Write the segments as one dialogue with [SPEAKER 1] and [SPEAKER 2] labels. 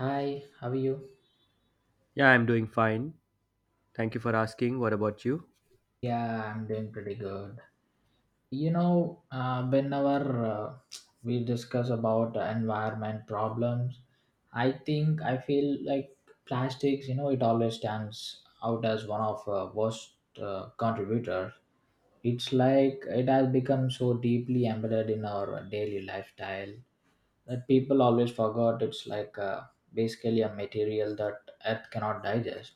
[SPEAKER 1] Hi, how are you?
[SPEAKER 2] Yeah, I'm doing fine. Thank you for asking. What about you?
[SPEAKER 1] Yeah, I'm doing pretty good. Whenever we discuss about environment problems, I think I feel like plastics, it always stands out as one of worst contributors. It's like it has become so deeply embedded in our daily lifestyle that people always forgot. It's like basically a material that earth cannot digest.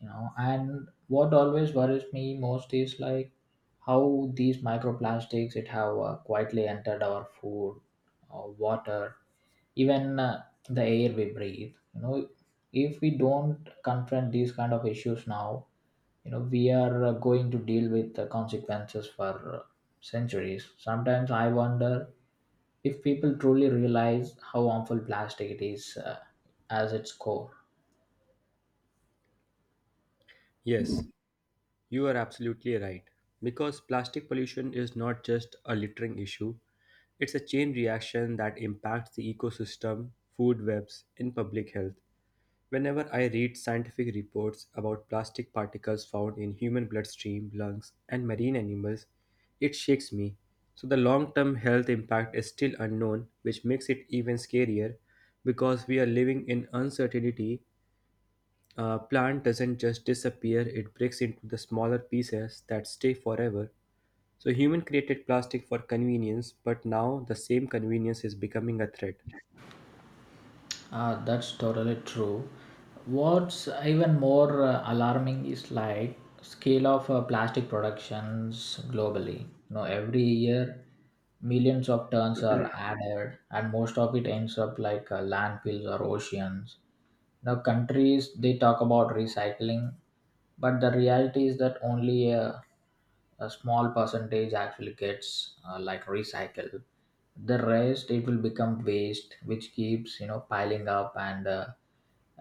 [SPEAKER 1] And what always worries me most is like how these microplastics, it have quietly entered our food, water, even the air we breathe. If we don't confront these kind of issues now, we are going to deal with the consequences for uh, centuries. Sometimes I wonder if people truly realize how harmful plastic it is, as its core.
[SPEAKER 2] Yes, you are absolutely right. Because plastic pollution is not just a littering issue, it's a chain reaction that impacts the ecosystem, food webs, and public health. Whenever I read scientific reports about plastic particles found in human bloodstream, lungs, and marine animals, it shakes me. So the long term health impact is still unknown, which makes it even scarier because we are living in uncertainty. A plant doesn't just disappear, it breaks into the smaller pieces that stay forever. So human created plastic for convenience, but now the same convenience is becoming a threat.
[SPEAKER 1] That's totally true. What's even more alarming is like scale of plastic productions globally. Every year, millions of tons are added, and most of it ends up like landfills or oceans. Now, countries they talk about recycling, but the reality is that only a small percentage actually gets like recycled. The rest, it will become waste which keeps piling up and uh,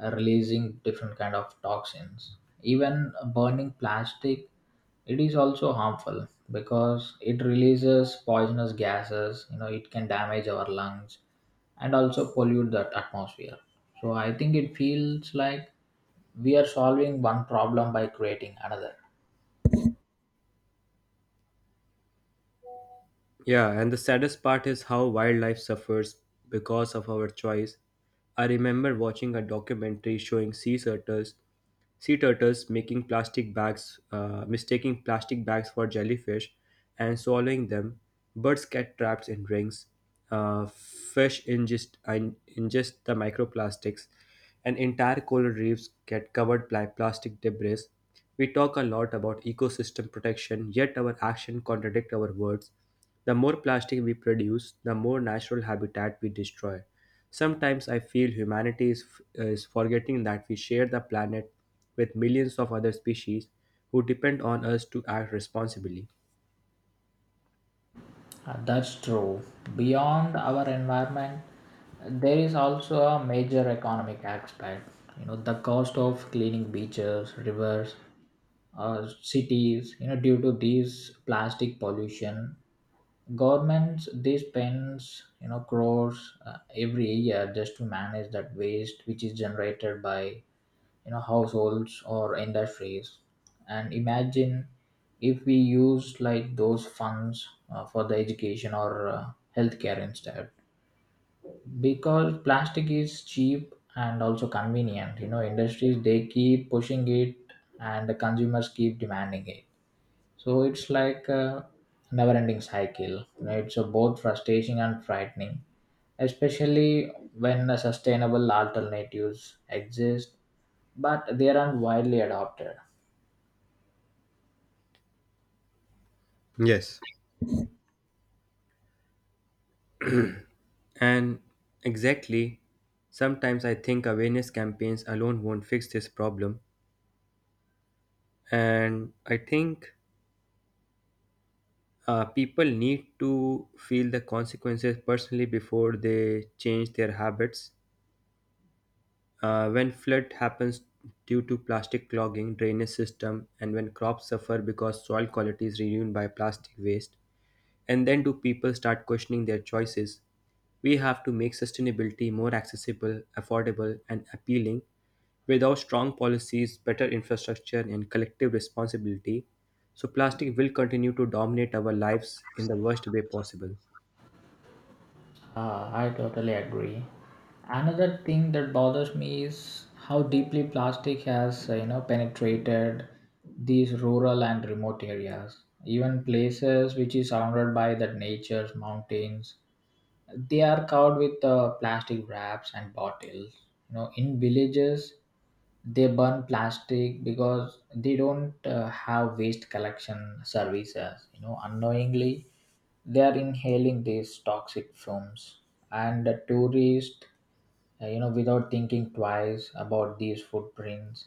[SPEAKER 1] uh, releasing different kind of toxins. Even burning plastic, it is also harmful because it releases poisonous gases. It can damage our lungs and also pollute the atmosphere. So I think it feels like we are solving one problem by creating another.
[SPEAKER 2] Yeah, and the saddest part is how wildlife suffers because of our choice. I remember watching a documentary showing sea turtles making plastic bags, mistaking plastic bags for jellyfish, and swallowing them. Birds get trapped in rings. Fish ingest the microplastics, and entire coral reefs get covered by plastic debris. We talk a lot about ecosystem protection, yet our action contradict our words. The more plastic we produce, the more natural habitat we destroy. Sometimes I feel is forgetting that we share the planet with millions of other species who depend on us to act responsibly.
[SPEAKER 1] That's true. Beyond our environment, there is also a major economic aspect. The cost of cleaning beaches, rivers, cities, due to these plastic pollution, governments they spends crores every year just to manage that waste which is generated by households or industries. And imagine if we use like those funds for the education or healthcare instead. Because plastic is cheap and also convenient, industries they keep pushing it, and the consumers keep demanding it. So it's like a never-ending cycle. It's a both frustrating and frightening, especially when the sustainable alternatives exist, but they aren't widely adopted.
[SPEAKER 2] Yes. And exactly, sometimes I think awareness campaigns alone won't fix this problem. And I think people need to feel the consequences personally before they change their habits. When flood happens due to plastic clogging drainage system, and when crops suffer because soil quality is ruined by plastic waste, and then do people start questioning their choices. We have to make sustainability more accessible, affordable, and appealing. Without strong policies, better infrastructure, and collective responsibility, so plastic will continue to dominate our lives in the worst way possible.
[SPEAKER 1] Ah, I totally agree. Another thing that bothers me is how deeply plastic has, penetrated these rural and remote areas, even places which is surrounded by the nature's mountains. They are covered with plastic wraps and bottles. In villages, they burn plastic because they don't have waste collection services. Unknowingly, they are inhaling these toxic fumes, and the tourists, without thinking twice about these footprints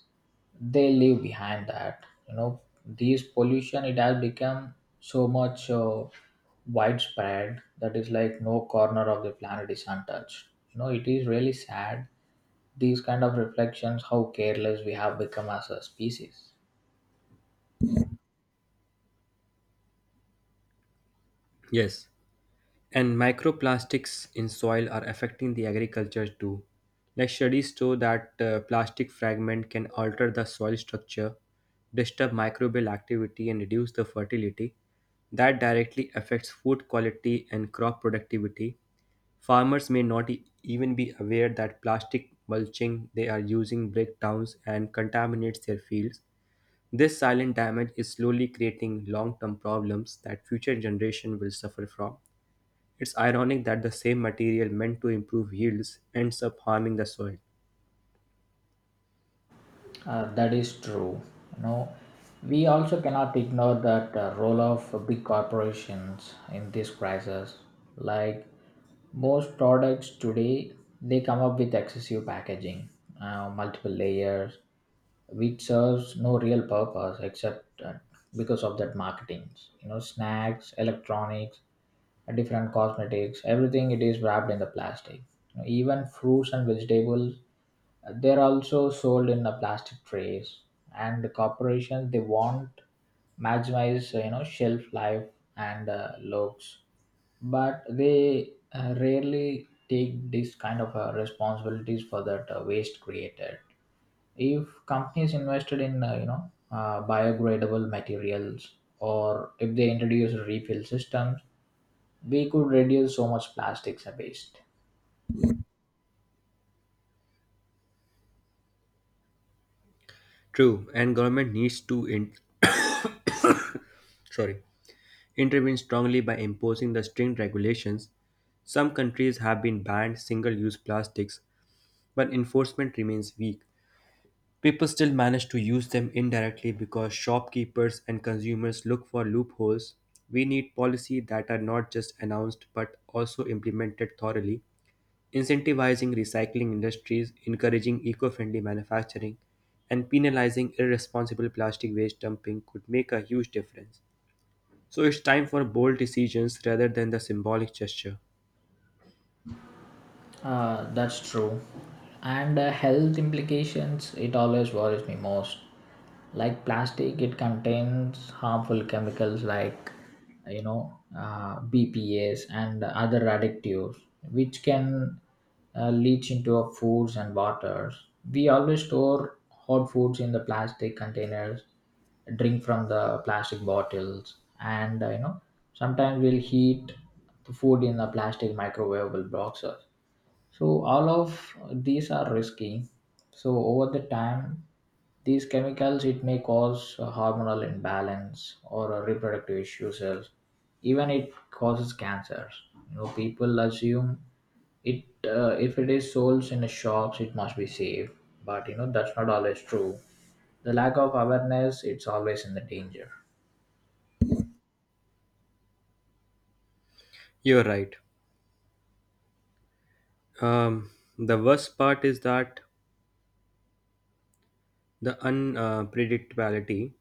[SPEAKER 1] they leave behind, that these pollution it has become so much widespread, that is like no corner of the planet is untouched. It is really sad, these kind of reflections how careless we have become as a species.
[SPEAKER 2] Yes. And microplastics in soil are affecting the agriculture too. Like studies show that plastic fragment can alter the soil structure, disturb microbial activity, and reduce the fertility. That directly affects food quality and crop productivity. Farmers may not even be aware that plastic mulching they are using breakdowns and contaminates their fields. This silent damage is slowly creating long-term problems that future generation will suffer from. It's ironic that the same material meant to improve yields ends up harming the soil.
[SPEAKER 1] That is true. You know, we also cannot ignore that role of big corporations in this crisis. Like most products today, they come up with excessive packaging, multiple layers, which serves no real purpose except because of that marketing. Snacks, electronics, different cosmetics, everything it is wrapped in the plastic. Even fruits and vegetables, they are also sold in plastic trays, and the corporations they want maximize shelf life and looks, but they rarely take this kind of responsibilities for that waste created. If companies invested in biodegradable materials, or if they introduce refill systems, we could reduce so much plastics waste.
[SPEAKER 2] True, and government needs to sorry, intervene strongly by imposing the strict regulations. Some countries have been banned single-use plastics, but enforcement remains weak. People still manage to use them indirectly because shopkeepers and consumers look for loopholes. We need policy that are not just announced but also implemented thoroughly, incentivizing recycling industries, encouraging eco-friendly manufacturing, and penalizing irresponsible plastic waste dumping could make a huge difference. So it's time for bold decisions rather than the symbolic gesture.
[SPEAKER 1] That's true. And the health implications, it always worries me most. Like plastic, it contains harmful chemicals like, BPAs and other additives, which can leach into our foods and waters. We always store hot foods in the plastic containers, drink from the plastic bottles, and, sometimes we'll heat the food in the plastic microwavable boxes, so all of these are risky. So over the time, these chemicals it may cause a hormonal imbalance or a reproductive issues. Else. Even it causes cancers. People assume it if it is sold in the shops, it must be safe. But that's not always true. The lack of awareness, it's always in the danger.
[SPEAKER 2] You're right. Um, the worst part is that the unpredictability.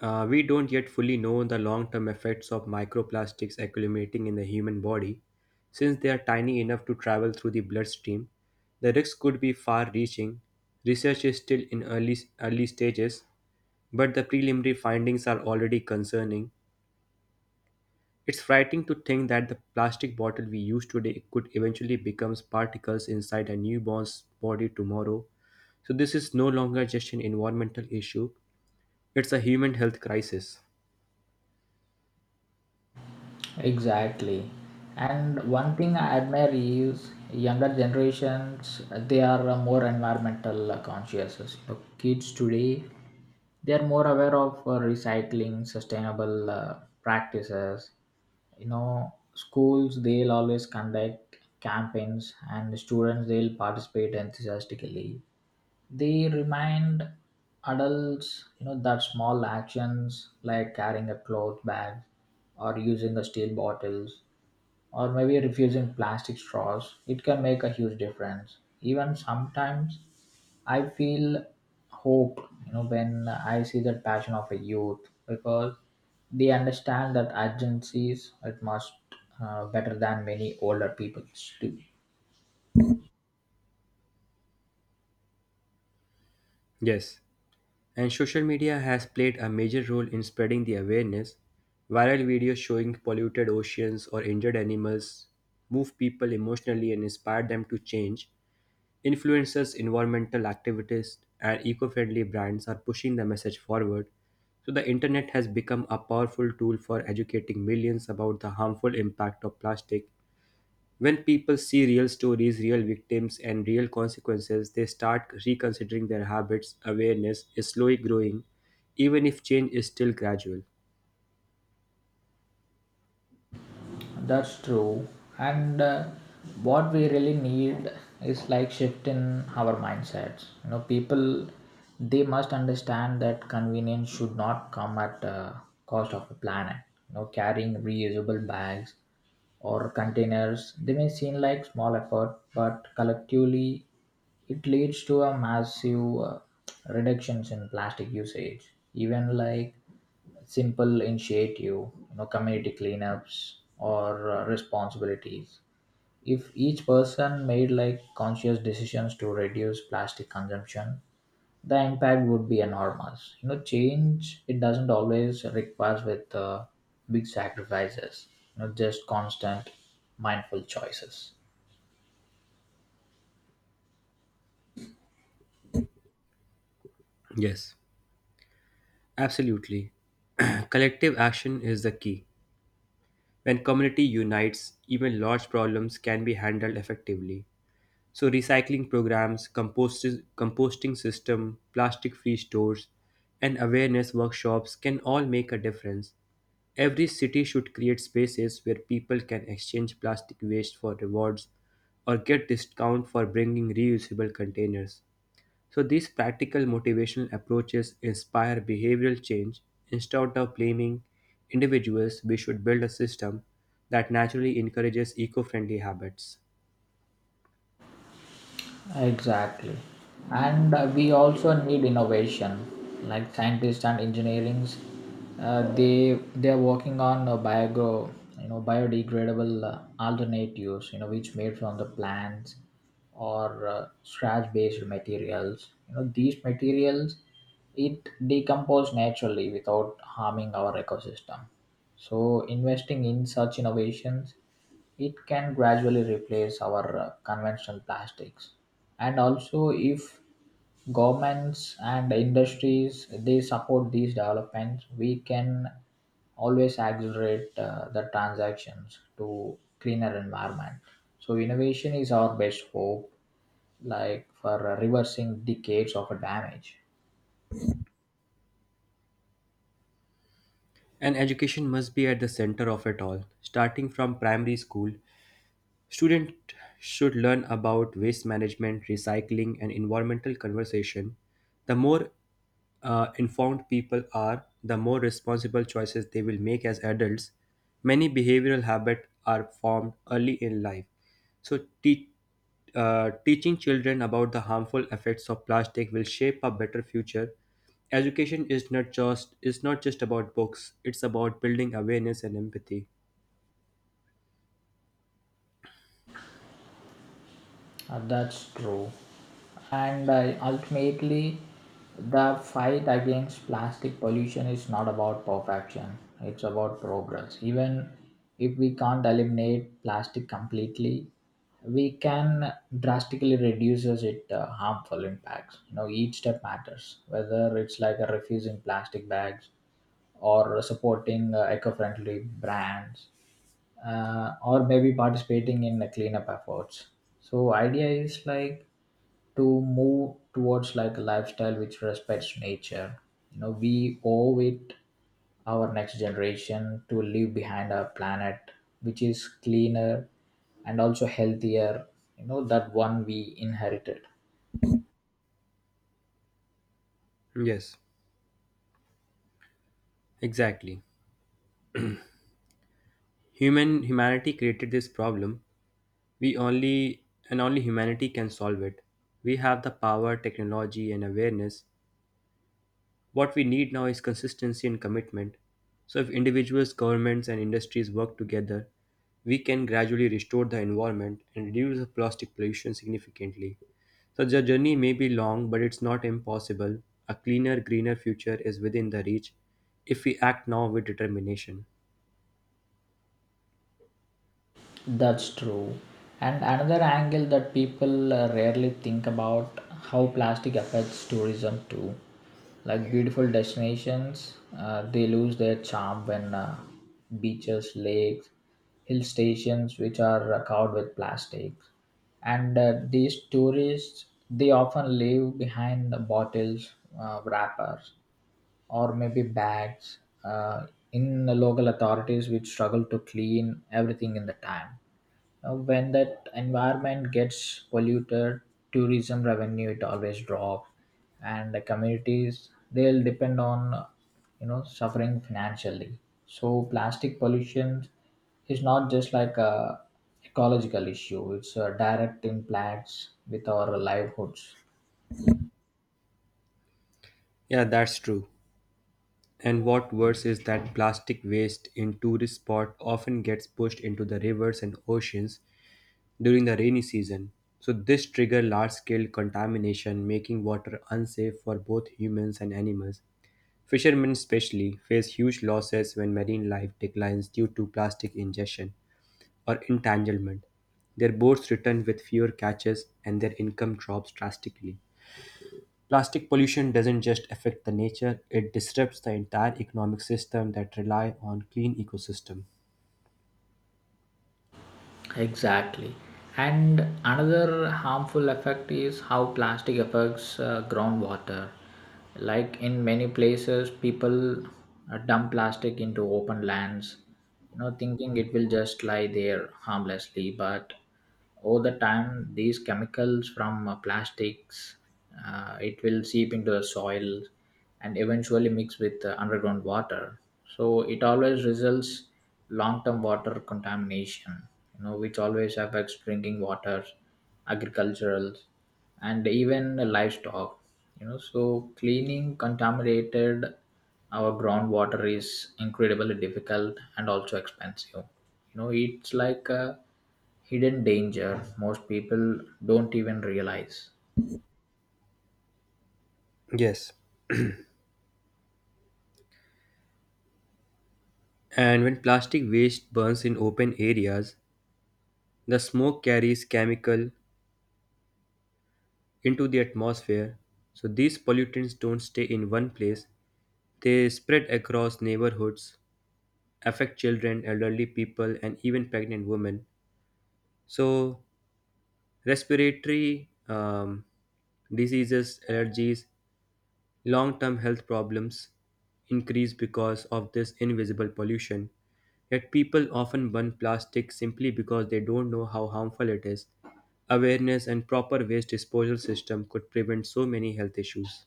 [SPEAKER 2] We don't yet fully know the long term effects of microplastics accumulating in the human body. Since they are tiny enough to travel through the bloodstream, the risks could be far reaching. Research is still in early stages, but the preliminary findings are already concerning. It's frightening to think that the plastic bottle we use today could eventually become particles inside a newborn's body tomorrow. So this is no longer just an environmental issue, it's a human health crisis.
[SPEAKER 1] Exactly. And one thing I admire is younger generations, they are more environmental conscious. Kids today, they are more aware of recycling, sustainable practices. Schools, they'll always conduct campaigns, and students, they'll participate enthusiastically. They remind adults that small actions like carrying a cloth bag or using a steel bottles or maybe refusing plastic straws, it can make a huge difference. Even sometimes I feel hope, when I see the passion of a youth, because they understand that urgencies, it must better than many older people do.
[SPEAKER 2] Yes. And social media has played a major role in spreading the awareness. Viral videos showing polluted oceans or injured animals move people emotionally and inspire them to change. Influencers, environmental activists, and eco friendly brands are pushing the message forward. So the internet has become a powerful tool for educating millions about the harmful impact of plastic. When people see real stories, real victims, and real consequences, they start reconsidering their habits. Awareness is slowly growing, even if change is still gradual.
[SPEAKER 1] That's true. And what we really need is like shift in our mindsets. People, they must understand that convenience should not come at cost of the planet. Carrying reusable bags or containers, they may seem like small effort, but collectively it leads to a massive reductions in plastic usage. Even like simple initiative, community cleanups or responsibilities. If each person made like conscious decisions to reduce plastic consumption, the impact would be enormous. Change, it doesn't always requires with big sacrifices. Just constant mindful choices.
[SPEAKER 2] Yes, absolutely. Collective action is the key. When community unites, even large problems can be handled effectively. So recycling programs, composting system, plastic-free stores, and awareness workshops can all make a difference. Every city should create spaces where people can exchange plastic waste for rewards or get discount for bringing reusable containers. So these practical motivational approaches inspire behavioral change. Instead of blaming individuals, we should build a system that naturally encourages eco-friendly habits.
[SPEAKER 1] Exactly. And we also need innovation, like scientists and engineers. They are working on biodegradable alternatives, which made from the plants or scratch-based materials. These materials, it decompose naturally without harming our ecosystem. So investing in such innovations, it can gradually replace our conventional plastics. And also, if governments and industries they support these developments, we can always accelerate the transactions to cleaner environment. So innovation is our best hope, like for reversing decades of damage.
[SPEAKER 2] And education must be at the center of it all, starting from primary school. Students should learn about waste management, recycling, and environmental conversation. The more informed people are, the more responsible choices they will make as adults. Many behavioral habits are formed early in life. So, teaching children about the harmful effects of plastic will shape a better future. Education is not just about books; it's about building awareness and empathy.
[SPEAKER 1] That's true. And ultimately, the fight against plastic pollution is not about perfection, it's about progress. Even if we can't eliminate plastic completely, we can drastically reduce its harmful impacts. Each step matters, whether it's like refusing plastic bags or supporting eco-friendly brands, or maybe participating in the cleanup efforts. So idea is like to move towards like a lifestyle which respects nature. We owe it our next generation to leave behind our planet which is cleaner and also healthier, that one we inherited.
[SPEAKER 2] Yes, exactly. Humanity created this problem. We only and only humanity can solve it. We have the power, technology, and awareness. What we need now is consistency and commitment. So if individuals, governments, and industries work together, we can gradually restore the environment and reduce the plastic pollution significantly. So the journey may be long, but it's not impossible. A cleaner, greener future is within the reach if we act now with determination.
[SPEAKER 1] That's true. And another angle that people rarely think about how plastic affects tourism too. Like beautiful destinations, they lose their charm when beaches, lakes, hill stations, which are covered with plastic. And these tourists, they often leave behind the bottles, wrappers, or maybe bags, uh, in the local authorities which struggle to clean everything in the time. When that environment gets polluted, tourism revenue it always drop, and the communities they'll depend on, suffering financially. So plastic pollution is not just like a ecological issue; it's a direct impacts with our livelihoods.
[SPEAKER 2] Yeah, that's true. And what worse is that plastic waste in tourist spots often gets pushed into the rivers and oceans during the rainy season. So this trigger large-scale contamination, making water unsafe for both humans and animals. Fishermen especially face huge losses when marine life declines due to plastic ingestion or entanglement. Their boats return with fewer catches and their income drops drastically. Plastic pollution doesn't just affect the nature, it disrupts the entire economic system that rely on clean ecosystem.
[SPEAKER 1] Exactly. And another harmful effect is how plastic affects groundwater. Like in many places, people dump plastic into open lands, thinking it will just lie there harmlessly. But over the time, these chemicals from plastics, it will seep into the soil and eventually mix with underground water. So it always results long-term water contamination, which always affects drinking water, agricultural, and even livestock. So cleaning contaminated our groundwater is incredibly difficult and also expensive. It's like hidden danger most people don't even realize.
[SPEAKER 2] Yes. And when plastic waste burns in open areas, the smoke carries chemical into the atmosphere. So these pollutants don't stay in one place. They spread across neighborhoods, affect children, elderly people, and even pregnant women. So respiratory diseases, allergies, long term health problems increase because of this invisible pollution. Yet people often burn plastic simply because they don't know how harmful it is. Awareness and proper waste disposal system could prevent so many health issues.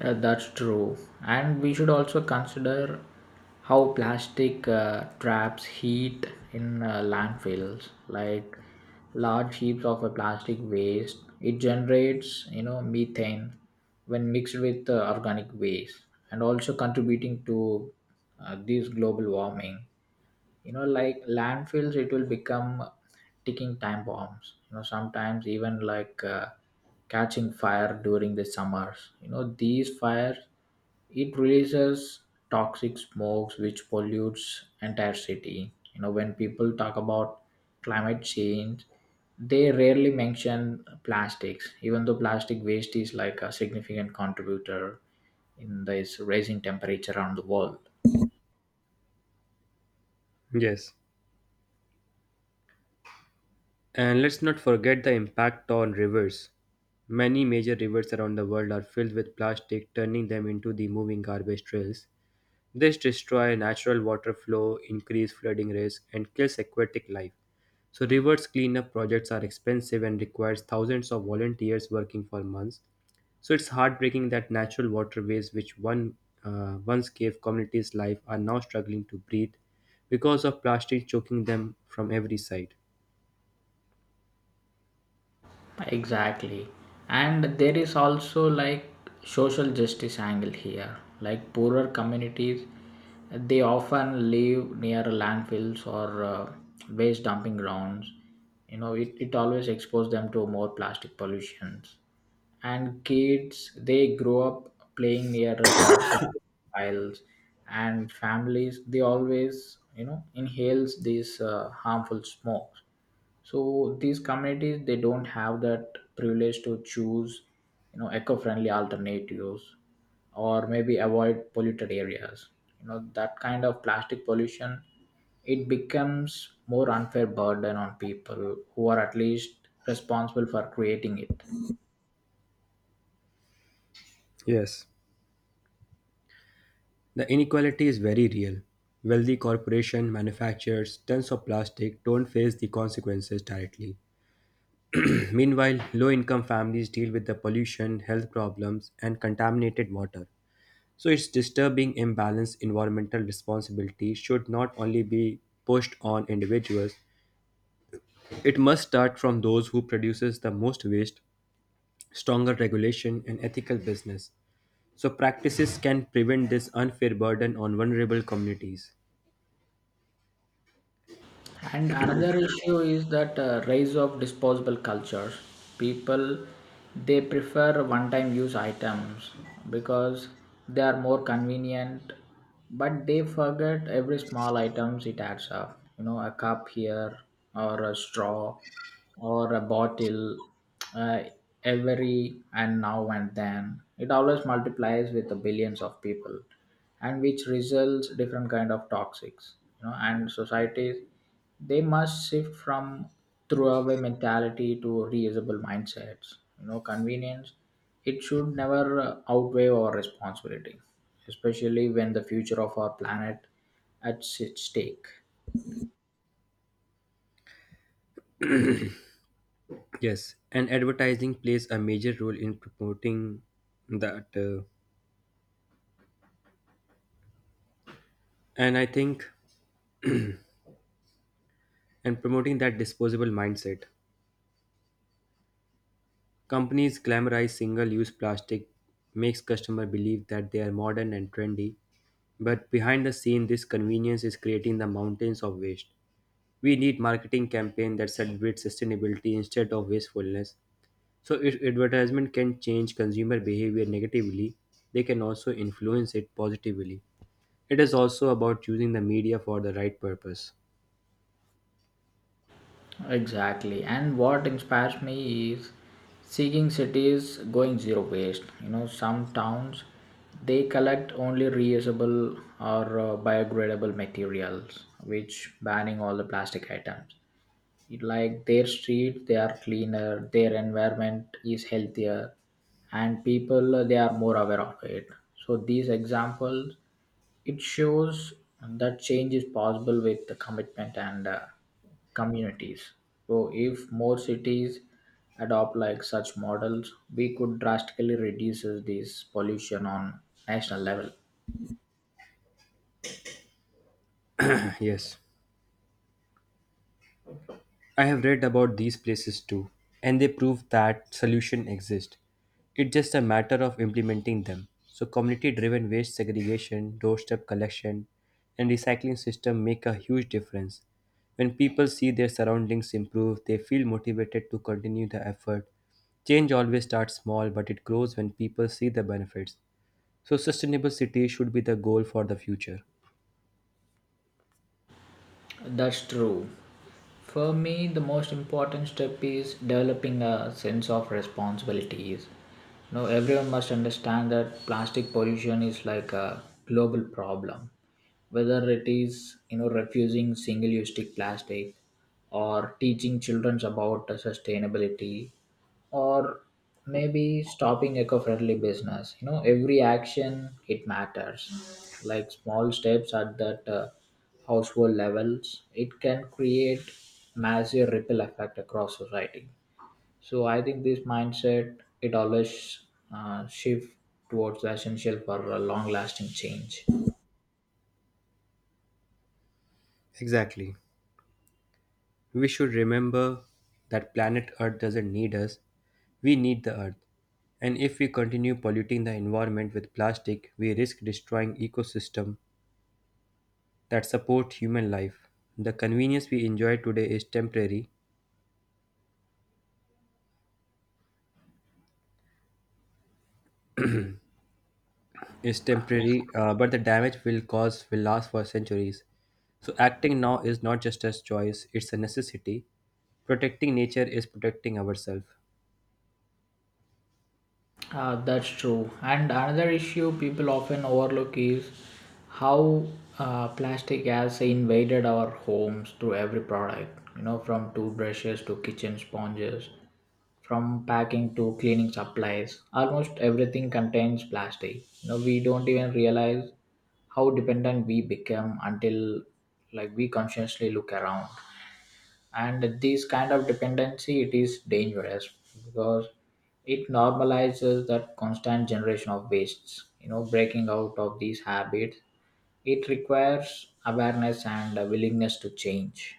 [SPEAKER 1] That's true. And we should also consider how plastic traps heat in landfills, like large heaps of a plastic waste. It generates, methane when mixed with organic waste, and also contributing to this global warming. Like landfills, it will become ticking time bombs. Sometimes even like catching fire during the summers. These fires, it releases toxic smokes which pollutes entire city. When people talk about climate change, they rarely mention plastics, even though plastic waste is like a significant contributor in this rising temperature around the world.
[SPEAKER 2] Yes. And let's not forget the impact on rivers. Many major rivers around the world are filled with plastic, turning them into the moving garbage trails. This destroys natural water flow, increase flooding risk, and kills aquatic life. So rivers cleanup projects are expensive and requires thousands of volunteers working for months. So it's heartbreaking that natural waterways, which one once gave communities life, are now struggling to breathe because of plastic choking them from every side.
[SPEAKER 1] Exactly. And there is also like social justice angle here. Like poorer communities, they often live near landfills or waste dumping grounds. You know, it always exposes them to more plastic pollutions, and kids they grow up playing near the toxic piles, and families they always, you know, inhales these harmful smokes. So these communities they don't have that privilege to choose, you know, eco-friendly alternatives or maybe avoid polluted areas. You know, that kind of plastic pollution, it becomes more unfair burden on people who are at least responsible for creating it.
[SPEAKER 2] Yes. The inequality is very real. Wealthy corporations, manufacturers tons of plastic, don't face the consequences directly. Meanwhile, low income families deal with the pollution, health problems, and contaminated water. So its disturbing imbalance environmental responsibility should not only be pushed on individuals, it must start from those who produces the most waste, stronger regulation, and ethical business. So practices can prevent this unfair burden on vulnerable communities.
[SPEAKER 1] And another issue is that rise of disposable cultures. People they prefer one-time use items because they are more convenient, but they forget every small items it adds up. You know, a cup here or a straw or a bottle, uh, every and now and then it always multiplies with the billions of people, and which results different kind of toxics, you know. And societies they must shift from throwaway mentality to reusable mindsets. You know, convenience it should never outweigh our responsibility, especially when the future of our planet at stake.
[SPEAKER 2] Yes, and advertising plays a major role in promoting that, and I think, and promoting that disposable mindset. Companies glamorize single-use plastic, makes customer believe that they are modern and trendy, but behind the scene, this convenience is creating the mountains of waste. We need marketing campaign that celebrates sustainability instead of wastefulness. So if advertisement can change consumer behavior negatively, they can also influence it positively. It is also about using the media for the right purpose.
[SPEAKER 1] Exactly. And what inspires me is seeing cities going zero waste. You know, some towns they collect only reusable or biodegradable materials, which banning all the plastic items. It like their streets they are cleaner, their environment is healthier, and people they are more aware of it. So these examples, it shows that change is possible with the commitment and communities. So if more cities adopt like such models, we could drastically reduce this pollution on national level.
[SPEAKER 2] Yes, I have read about these places too, and they prove that solutions exist. It's just a matter of implementing them. So community driven waste segregation, doorstep collection, and recycling system make a huge difference. When people see their surroundings improve, they feel motivated to continue the effort. Change always starts small, but it grows when people see the benefits. So sustainable cities should be the goal for the future.
[SPEAKER 1] That's true. For me, the most important step is developing a sense of responsibilities. Now, everyone must understand that plastic pollution is like a global problem. Whether it is, you know, refusing single-use plastic or teaching children about the sustainability, or maybe stopping eco-friendly business, you know, every action it matters, like small steps at that household levels it can create massive ripple effect across society. So I think this mindset it always shift towards the essential for a long lasting change.
[SPEAKER 2] Exactly. We should remember that planet Earth doesn't need us, we need the Earth. And if we continue polluting the environment with plastic, we risk destroying ecosystem that support human life. The convenience we enjoy today is temporary, but the damage will cause will last for centuries. So acting now is not just a choice, it's a necessity. Protecting nature is protecting ourselves.
[SPEAKER 1] That's true. And another issue people often overlook is how plastic has invaded our homes through every product, you know, from toothbrushes to kitchen sponges, from packing to cleaning supplies. Almost everything contains plastic. You know, we don't even realize how dependent we become until like we consciously look around. And this kind of dependency it is dangerous because it normalizes that constant generation of wastes. You know, breaking out of these habits it requires awareness and a willingness to change.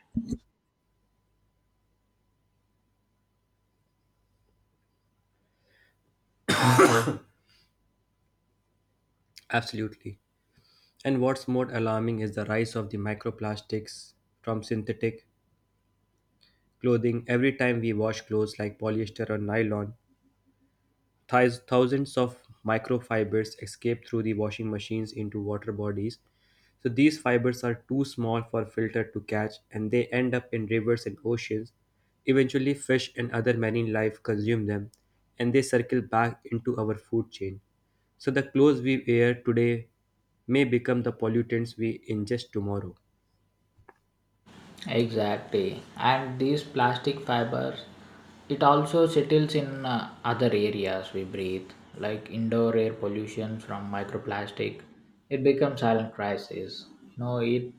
[SPEAKER 2] Absolutely. And what's more alarming is the rise of the microplastics from synthetic clothing. Every time we wash clothes like polyester or nylon, thousands of microfibers escape through the washing machines into water bodies. So these fibers are too small for filter to catch and they end up in rivers and oceans. Eventually fish and other marine life consume them and they circle back into our food chain. So the clothes we wear today may become the pollutants we ingest tomorrow.
[SPEAKER 1] Exactly. And these plastic fibers, it also settles in other areas we breathe, like indoor air pollution from microplastic. It becomes silent crisis. You know, it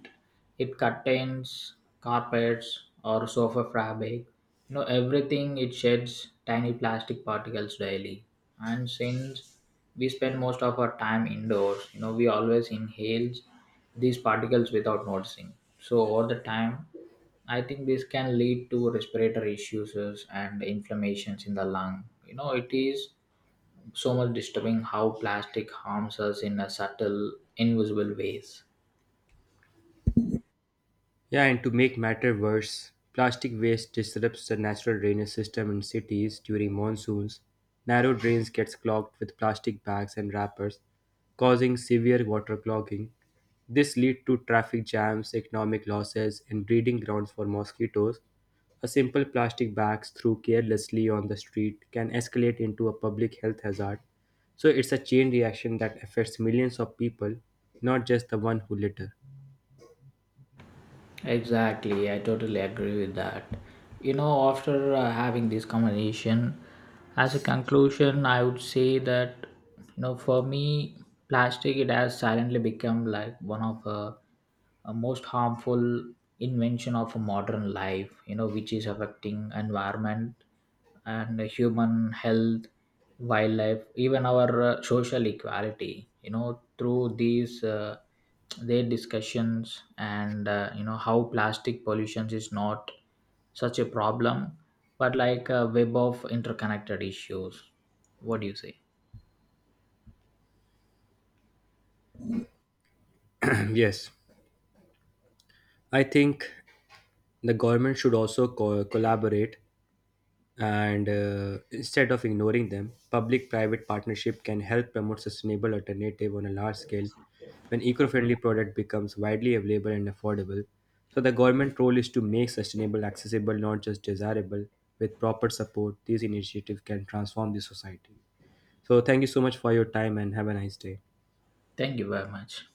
[SPEAKER 1] it contains carpets or sofa fabric. You know, everything it sheds tiny plastic particles daily. And since we spend most of our time indoors, you know, we always inhale these particles without noticing. So over the time, I think this can lead to respiratory issues and inflammations in the lung. You know, it is so much disturbing how plastic harms us in a subtle, invisible ways.
[SPEAKER 2] Yeah, and to make matter worse, plastic waste disrupts the natural drainage system in cities during monsoons. Narrow drains gets clogged with plastic bags and wrappers, causing severe water clogging. This leads to traffic jams, economic losses, and breeding grounds for mosquitoes. A simple plastic bag thrown carelessly on the street can escalate into a public health hazard. So it's a chain reaction that affects millions of people, not just the one who litter.
[SPEAKER 1] Exactly, I totally agree with that. You know, after having this conversation, as a conclusion, I would say that, you know, for me, plastic it has silently become like one of a most harmful invention of a modern life. You know, which is affecting environment and human health, wildlife, even our social equality. You know, through these their discussions and, you know, how plastic pollution is not such a problem, but like a web of interconnected issues. What do you say?
[SPEAKER 2] Yes, I think the government should also collaborate, and instead of ignoring them, public private partnership can help promote sustainable alternative on a large scale. When eco-friendly product becomes widely available and affordable, so the government role is to make sustainable accessible, not just desirable. With proper support, these initiatives can transform the society. So thank you so much for your time and have a nice day.
[SPEAKER 1] Thank you very much.